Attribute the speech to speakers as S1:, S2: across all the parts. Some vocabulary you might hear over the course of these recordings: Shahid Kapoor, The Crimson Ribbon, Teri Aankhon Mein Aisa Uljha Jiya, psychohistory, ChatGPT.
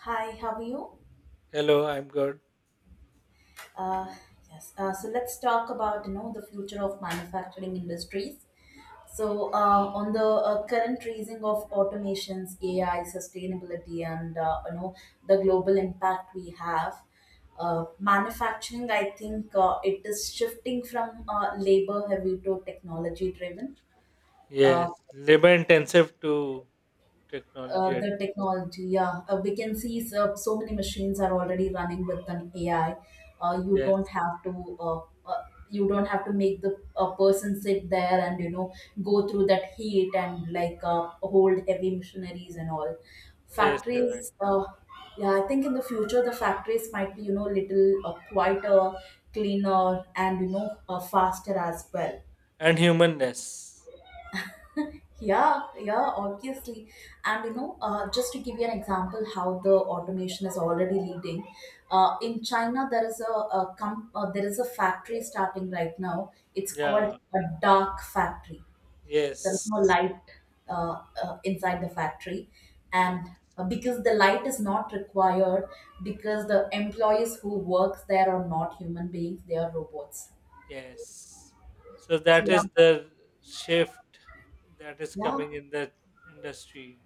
S1: Hi, how are you?
S2: Hello, I'm good.
S1: Uh, yes. So let's talk about the future of manufacturing industries. So on the current raising of automations, AI, sustainability, and the global impact we have. Manufacturing, I think, it is shifting from labor heavy to technology driven. Uh,
S2: Yes, labor intensive to technology.
S1: the technology. Yeah, we can see so, so many machines are already running with an AI. You don't
S2: Yes,
S1: have to. Uh, uh, you don't have to make the a person sit there and go through that heat and like hold heavy machineries and all
S2: yes, you're right.
S1: factories. Yeah, I think in the future the factories might be little quieter, cleaner, and faster as well.
S2: And humanness.
S1: Yeah, yeah, obviously. And just to give you an example, how the automation is already leading. In China, there is a factory starting right now. It's called
S2: Yeah,
S1: a dark factory. There is
S2: yes,
S1: no light inside the factory,
S2: yeah,
S1: and because the light is not required, because the employees who works there are not human beings, they are robots.
S2: yes. So
S1: So
S2: that
S1: yeah,
S2: is the shift that is
S1: yeah.
S2: coming in the industry,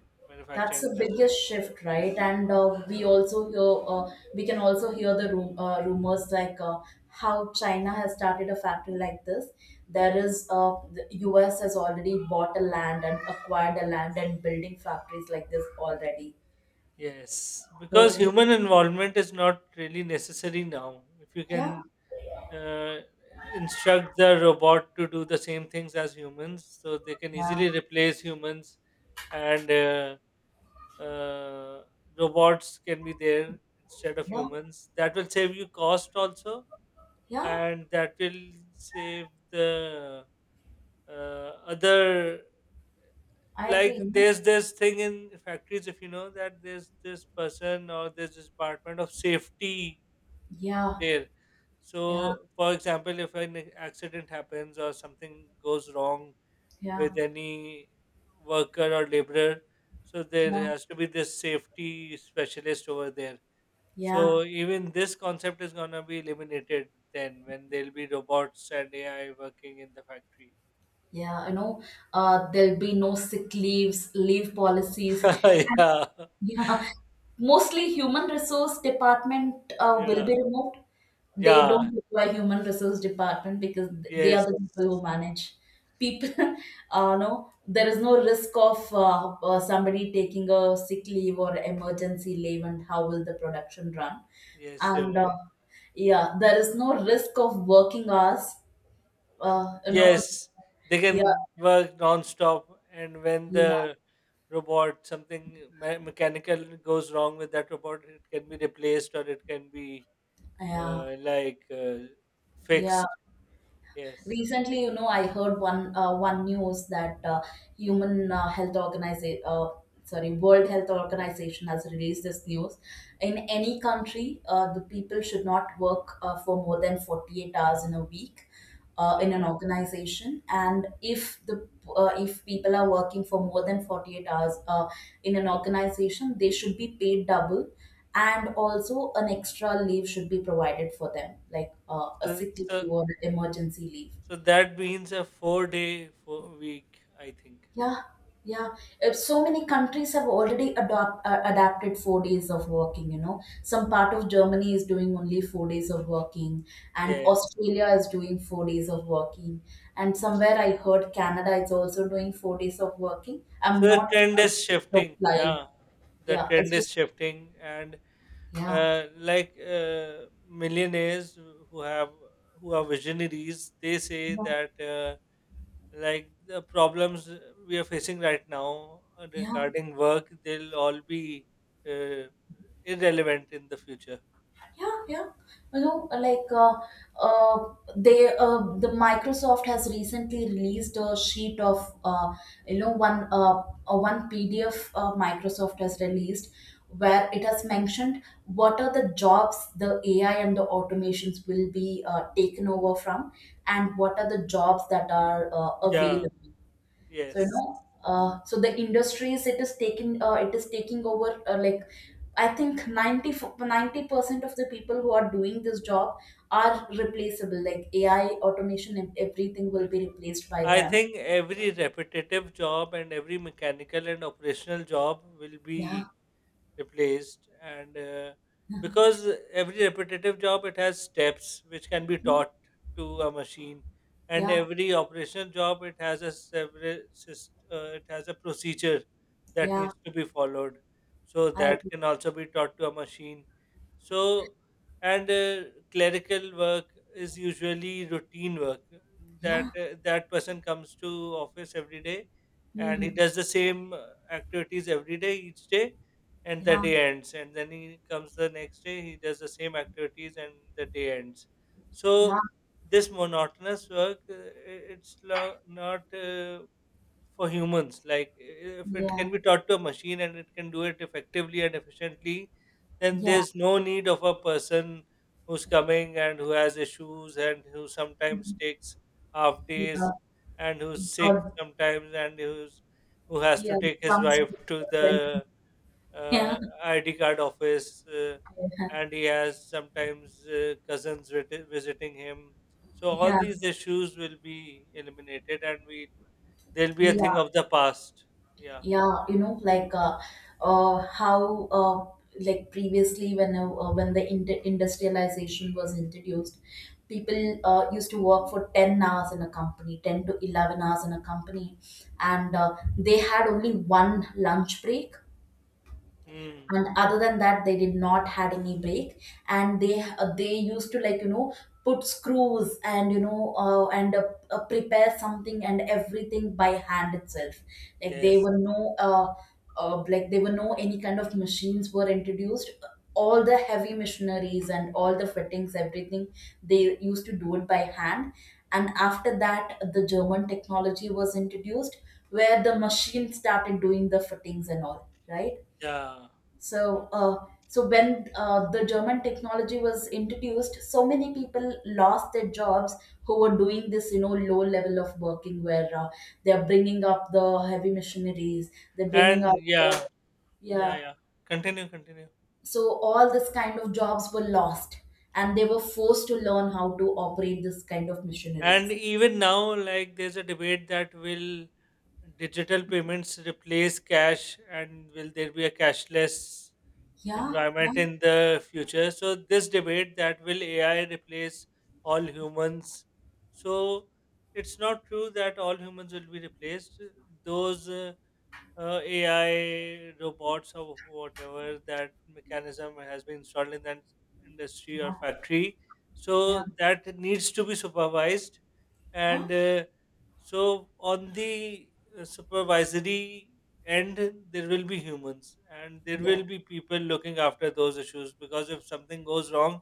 S1: That's
S2: manufacturing
S1: the
S2: industry.
S1: biggest shift, right? And we can also hear the rumors like how China has started a factory like this. The US has already bought a land and acquired a land and building factories like this already.
S2: Yes,
S1: So
S2: because
S1: we,
S2: human involvement is not really necessary now. If you
S1: yeah,
S2: can uh, instruct the robot to do the same things as humans so they can easily
S1: yeah,
S2: replace humans and uh, robots can be there instead of
S1: yeah,
S2: humans. That will save you cost also,
S1: yeah.
S2: and that will save the other.
S1: I
S2: Like
S1: agree.
S2: there's this thing in factories, if you know, that there's this person or there's this department of safety
S1: Yeah,
S2: there.
S1: yeah,
S2: So, for example, if an accident happens or something goes wrong
S1: yeah,
S2: with any worker or laborer, so there
S1: yeah,
S2: has to be this safety specialist over there.
S1: yeah,
S2: So, even this concept is gonna be eliminated then when there'll be robots and AI working in the factory.
S1: yeah. There'll be no sick leaves, leave policies.
S2: yeah,
S1: Yeah, mostly human resource department will
S2: yeah,
S1: be removed. They
S2: yeah,
S1: don't require human resource department because they are
S2: yes,
S1: the people who manage people. No, there is no risk of somebody taking a sick leave or emergency leave, and how will the production run?
S2: yes, you're
S1: And
S2: right.
S1: yeah, there is no risk of working hours. Uh, you know,
S2: Yes, they
S1: yeah,
S2: can work non-stop, and when
S1: yeah,
S2: the robot mechanical goes wrong with that robot, it can be replaced or it can be
S1: yeah,
S2: uh, like uh,
S1: yeah.
S2: fixed. Yes,
S1: Recently, I heard one news that Human Health Organization, sorry, World Health Organization has released this news. In any country, the people should not work for more than 48 hours in a week. In
S2: yeah.
S1: an organization, and if people are working for more than 48 hours in an organization, they should be paid double, and also an extra leave should be provided for them like a
S2: So,
S1: sick leave
S2: so,
S1: or an emergency leave.
S2: so that means a four-day four week, I think.
S1: Yeah, yeah. So many countries have adapted 4 days of working. Some part of Germany is doing only 4 days of working, and
S2: Yes.
S1: Australia is doing 4 days of working, and somewhere I heard Canada is also doing 4 days of working. I'm
S2: So the
S1: not
S2: trend
S1: sure, it's
S2: is
S1: just
S2: shifting.
S1: a fly.
S2: Yeah, the
S1: Yeah,
S2: trend
S1: it's
S2: is
S1: just,
S2: shifting, and
S1: yeah,
S2: millionaires who have who are visionaries. They say
S1: yeah,
S2: that like the problems we are facing right now
S1: yeah.
S2: regarding work, they'll all be uh, irrelevant in the future.
S1: Yeah, yeah. You know, like the Microsoft has recently released a sheet of one PDF Microsoft has released, where it has mentioned what are the jobs the AI and the automations will be taken over from, and what are the jobs that are
S2: yeah
S1: available.
S2: yes
S1: So the industries it is taking over like I think 90% of the people who are doing this job are replaceable. Like AI, automation, and everything will
S2: yes
S1: be replaced by
S2: I
S1: them.
S2: think every repetitive job and every mechanical and operational job will
S1: Yeah,
S2: be replaced. And Because every repetitive job, it has steps which can be taught to a machine, and
S1: yeah,
S2: every operational job, it has it has a procedure that
S1: yeah.
S2: needs to be followed, so
S1: I
S2: that
S1: agree.
S2: can also be taught to a machine. So and Clerical work is usually routine work, that
S1: Yeah.
S2: that person comes to office every day, and he
S1: Hmm.
S2: does the same activities every day, each day, and the
S1: Yeah,
S2: day ends, and then he comes the next day, he does the same activities, and the day ends.
S1: yeah,
S2: So this monotonous work, it's not for humans. Like, if it
S1: yeah,
S2: can be taught to a machine and it can do it effectively and efficiently, then
S1: yeah.
S2: there's no need of a person who's coming and who has issues and who sometimes
S1: Mhm.
S2: takes half
S1: Yeah.
S2: days and who's sick
S1: Or
S2: sometimes and who's who has to
S1: yeah,
S2: take his
S1: comes
S2: wife
S1: with
S2: to
S1: a friend.
S2: the
S1: Yeah,
S2: uh, ID card office, and he has sometimes visiting him. So all
S1: yeah,
S2: these issues will be eliminated, and we they'll be a
S1: yeah.
S2: thing of the past. Yeah.
S1: Yeah, uh, how uh, like previously when the industrialization was introduced, people used to work for 10 hours in a company, 10 to 11 hours in a company, and they had only one lunch break,
S2: Mm.
S1: and other than that they did not had any break. And they used to like put screws and prepare something and everything by hand itself. Like they
S2: Yes.
S1: were no like they were no any kind of machines were introduced. All the heavy machineries and all the fittings, everything, they used to do it by hand. And after that, the German technology was introduced, where the machine started doing the fittings, and all right.
S2: Yeah.
S1: So when the German technology was introduced, so many people lost their jobs who were doing this, low level of working, where they are bringing up the heavy machineries, they're bringing up
S2: And
S1: the,
S2: yeah, yeah,
S1: yeah.
S2: yeah. Continue, continue.
S1: So all this kind of jobs were lost, and they were forced to learn how to operate this kind of
S2: And
S1: machineries.
S2: even now, like, there's a debate that will digital payments replace cash, and will there be a cashless
S1: Yeah, yeah,
S2: environment in the future. So this debate, that will AI replace all humans? So it's not true that all humans will be replaced. Those AI robots or whatever that mechanism has been installed in that industry or factory.
S1: yeah,
S2: So that needs to be supervised,
S1: yeah,
S2: and so on the supervisory end, there will be humans and there
S1: yeah,
S2: will be people looking after those issues, because if something goes wrong,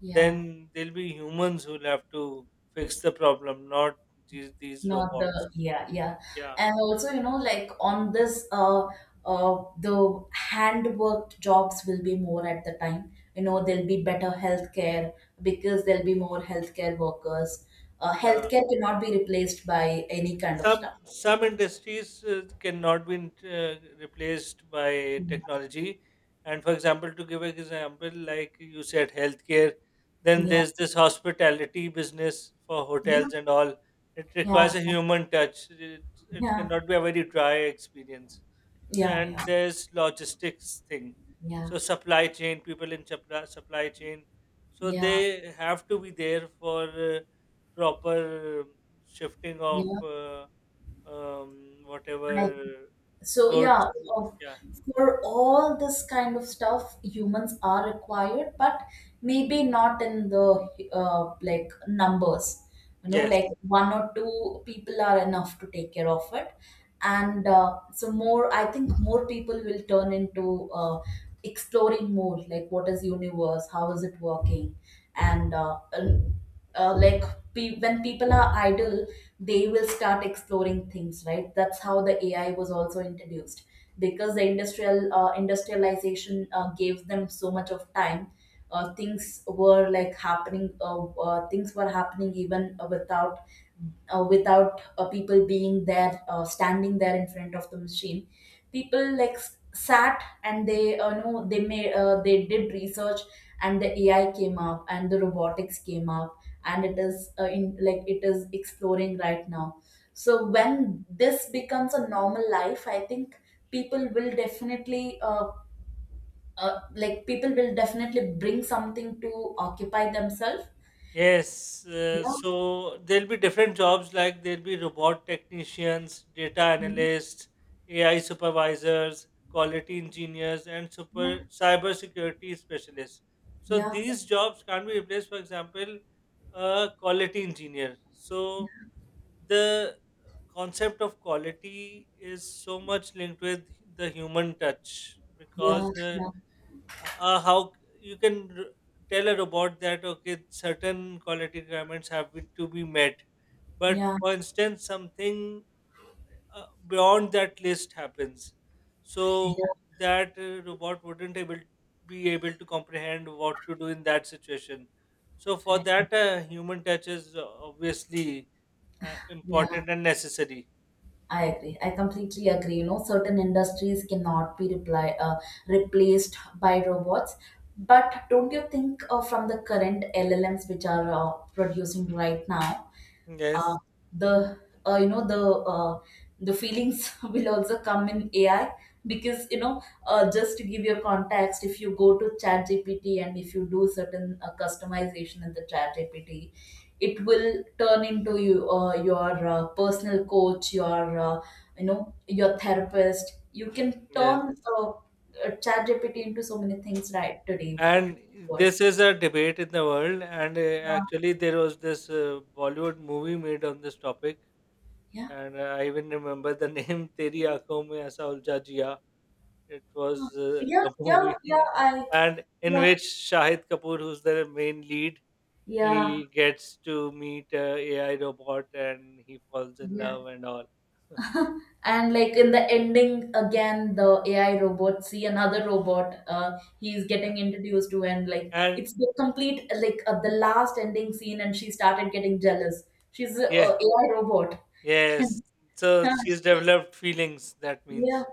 S1: yeah.
S2: then there'll be humans who'll have to fix the problem, not these
S1: Not
S2: robots.
S1: the, yeah, yeah.
S2: Yeah,
S1: And also, you know, like on this the hand jobs will be more at the time. You know, there'll be better healthcare because there'll be more healthcare workers.
S2: yeah.
S1: Healthcare cannot be replaced by any kind of
S2: some
S1: stuff.
S2: some industries cannot be replaced by
S1: Mm.
S2: technology. And, for example, to give an example, like you said, healthcare, then
S1: Yeah.
S2: there's this hospitality business for
S1: Yeah.
S2: hotels and all. It
S1: Yeah.
S2: requires a human touch. It
S1: Yeah.
S2: cannot be a very dry experience. So,
S1: Yeah.
S2: and there's logistics thing,
S1: Yeah.
S2: so supply chain, people in supply chain, so
S1: Yeah.
S2: they have to be there for proper shifting of
S1: Yeah. I
S2: whatever
S1: so
S2: goods.
S1: yeah, of-
S2: Yeah.
S1: For all this kind of stuff, humans are required, but maybe not in the like numbers. You know,
S2: Yes.
S1: like one or two people are enough to take care of it,
S2: Mm.
S1: and so more. I think more people will turn into exploring more, like what is universe, how is it working, and uh, like when people are idle, they will start exploring things, right? That's how the AI was also introduced, because the industrialization gave them so much of time. Things were happening even without people being there, standing there in front of the machine. People like sat, and they know they made they did research, and the AI came up and the robotics came up, and it is in like it is exploring right now. So when this becomes a normal life, I think people will definitely uh, people will definitely bring something to occupy themselves.
S2: Yes.
S1: Yeah,
S2: So there'll be different jobs, like there'll be robot technicians, data analysts, AI supervisors, quality engineers, and
S1: yeah,
S2: super cyber security specialists. So
S1: yeah,
S2: these jobs can't be replaced. For example, a quality engineer. So the concept of quality is so much linked with the human touch,
S1: yeah,
S2: because
S1: yeah,
S2: how you tell a robot that okay, certain quality requirements have been, to be met, but
S1: yeah, yeah,
S2: for instance something beyond that list happens. So
S1: yeah,
S2: that robot wouldn't able be able to comprehend what to do in that situation. So for
S1: I agree.
S2: that, human touch is obviously
S1: Yeah,
S2: important and necessary.
S1: I agree. I completely agree. You know, certain industries cannot be replaced by robots. But don't you think from the current LLMs which are producing right now, uh,
S2: Yes,
S1: the you know uh, the feelings will also come in AI? Because just to give your context, if you go to Chat GPT and if you do certain customization in the Chat GPT, it will turn into your personal coach, your your therapist. You can
S2: yes.
S1: turn Chat GPT into so many things right today, today's
S2: And
S1: world.
S2: this is a debate in the world. And
S1: Yeah.
S2: actually, there was this Bollywood movie made on this topic.
S1: Yeah.
S2: And I even remember the name. Teri Aankhon Mein Aisa Uljha Jiya. It
S1: Huh.
S2: was
S1: Yeah,
S2: a
S1: yeah,
S2: movie.
S1: yeah,
S2: And in
S1: yeah,
S2: which Shahid Kapoor, who's the main lead,
S1: yeah.
S2: he gets to meet a AI robot and he falls in
S1: Yeah.
S2: love and all.
S1: And like in the ending, again, the AI robot see another robot. He's
S2: Yeah.
S1: getting introduced to, and like
S2: And
S1: it's the complete like the last ending scene, and she started getting jealous. She's a
S2: yeah,
S1: AI robot.
S2: yes. So
S1: And
S2: she's
S1: yeah,
S2: developed feelings, that
S1: yeah.
S2: means.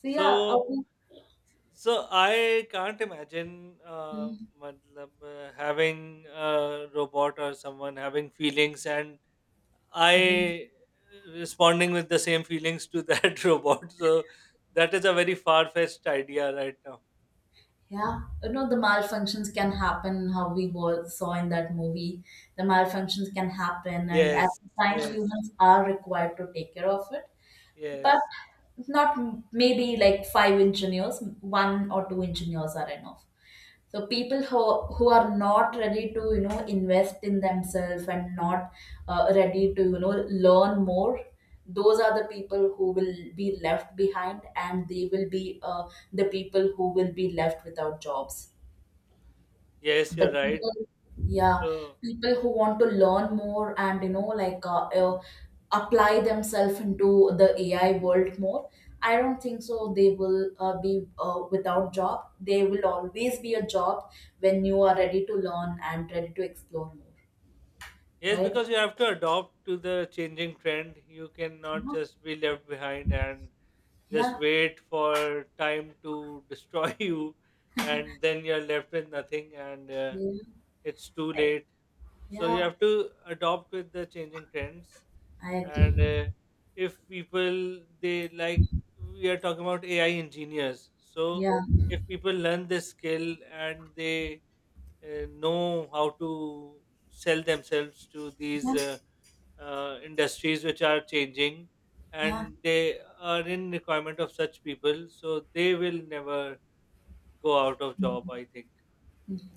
S1: So yeah,
S2: So
S1: okay.
S2: So I can't imagine
S1: Mm,
S2: matlab, having a robot or someone having feelings and
S1: then-
S2: I responding with the same feelings to that robot. So that is a very far fetched idea right now.
S1: yeah. You know the malfunctions can happen. How we saw in that movie, the malfunctions can happen, and at
S2: Yes,
S1: times
S2: yes,
S1: humans are required to take care of it, but
S2: yes,
S1: not maybe like five engineers, one or two engineers are enough. So people who are not ready to invest in themselves, and not ready to learn more. Those are the people who will be left behind, and they will be the people who will be left without jobs.
S2: yes,
S1: But
S2: you're right.
S1: people yeah,
S2: So,
S1: people who want to learn more and like apply themselves into the AI world more. I don't think so they will be without job. There will always be a job when you are ready to learn and ready to explore more.
S2: yes,
S1: Right.
S2: because you have to adopt to the changing trend. You cannot just be left behind and just
S1: Yeah,
S2: wait for time to destroy you, and then you're left with nothing, and
S1: yeah, yeah,
S2: it's too
S1: i,
S2: late. So you
S1: yeah,
S2: have to adopt with the changing trends,
S1: I agree.
S2: and if people, they like, we are talking about AI engineers, so
S1: Yeah,
S2: if people learn this skill and they know how to sell themselves to these
S1: yeah,
S2: industries which are changing
S1: yeah.
S2: and they are in requirement of such people, so they will never go out of job, I think.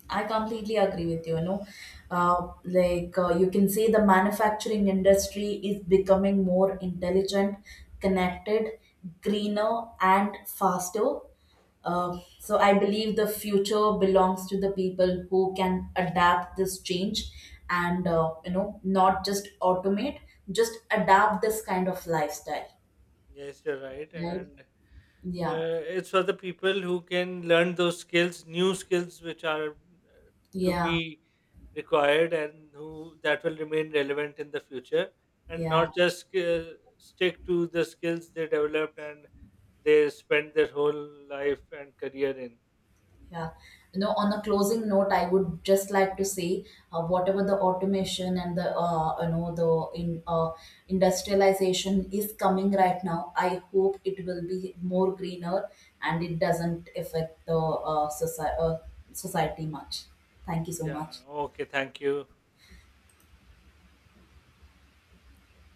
S1: I completely agree with you. You know, like you can see the manufacturing industry is becoming more intelligent, connected, greener, and faster. So I believe the future belongs to the people who can adapt this change, and not just automate, just adapt this kind of lifestyle.
S2: Yes, you're right.
S1: Right?
S2: And
S1: Yeah.
S2: it's for the people who can learn those skills, new skills, which are to
S1: Yeah.
S2: be required, and who that will remain relevant in the future, and
S1: Yeah.
S2: not just stick to the skills they developed and they spend their whole life and career in.
S1: Yeah. You know, on a closing note, I would just like to say, whatever the automation and the the in industrialization is coming right now, I hope it will be more greener and it doesn't affect the society much. Thank you so
S2: Yeah,
S1: much.
S2: okay, thank you.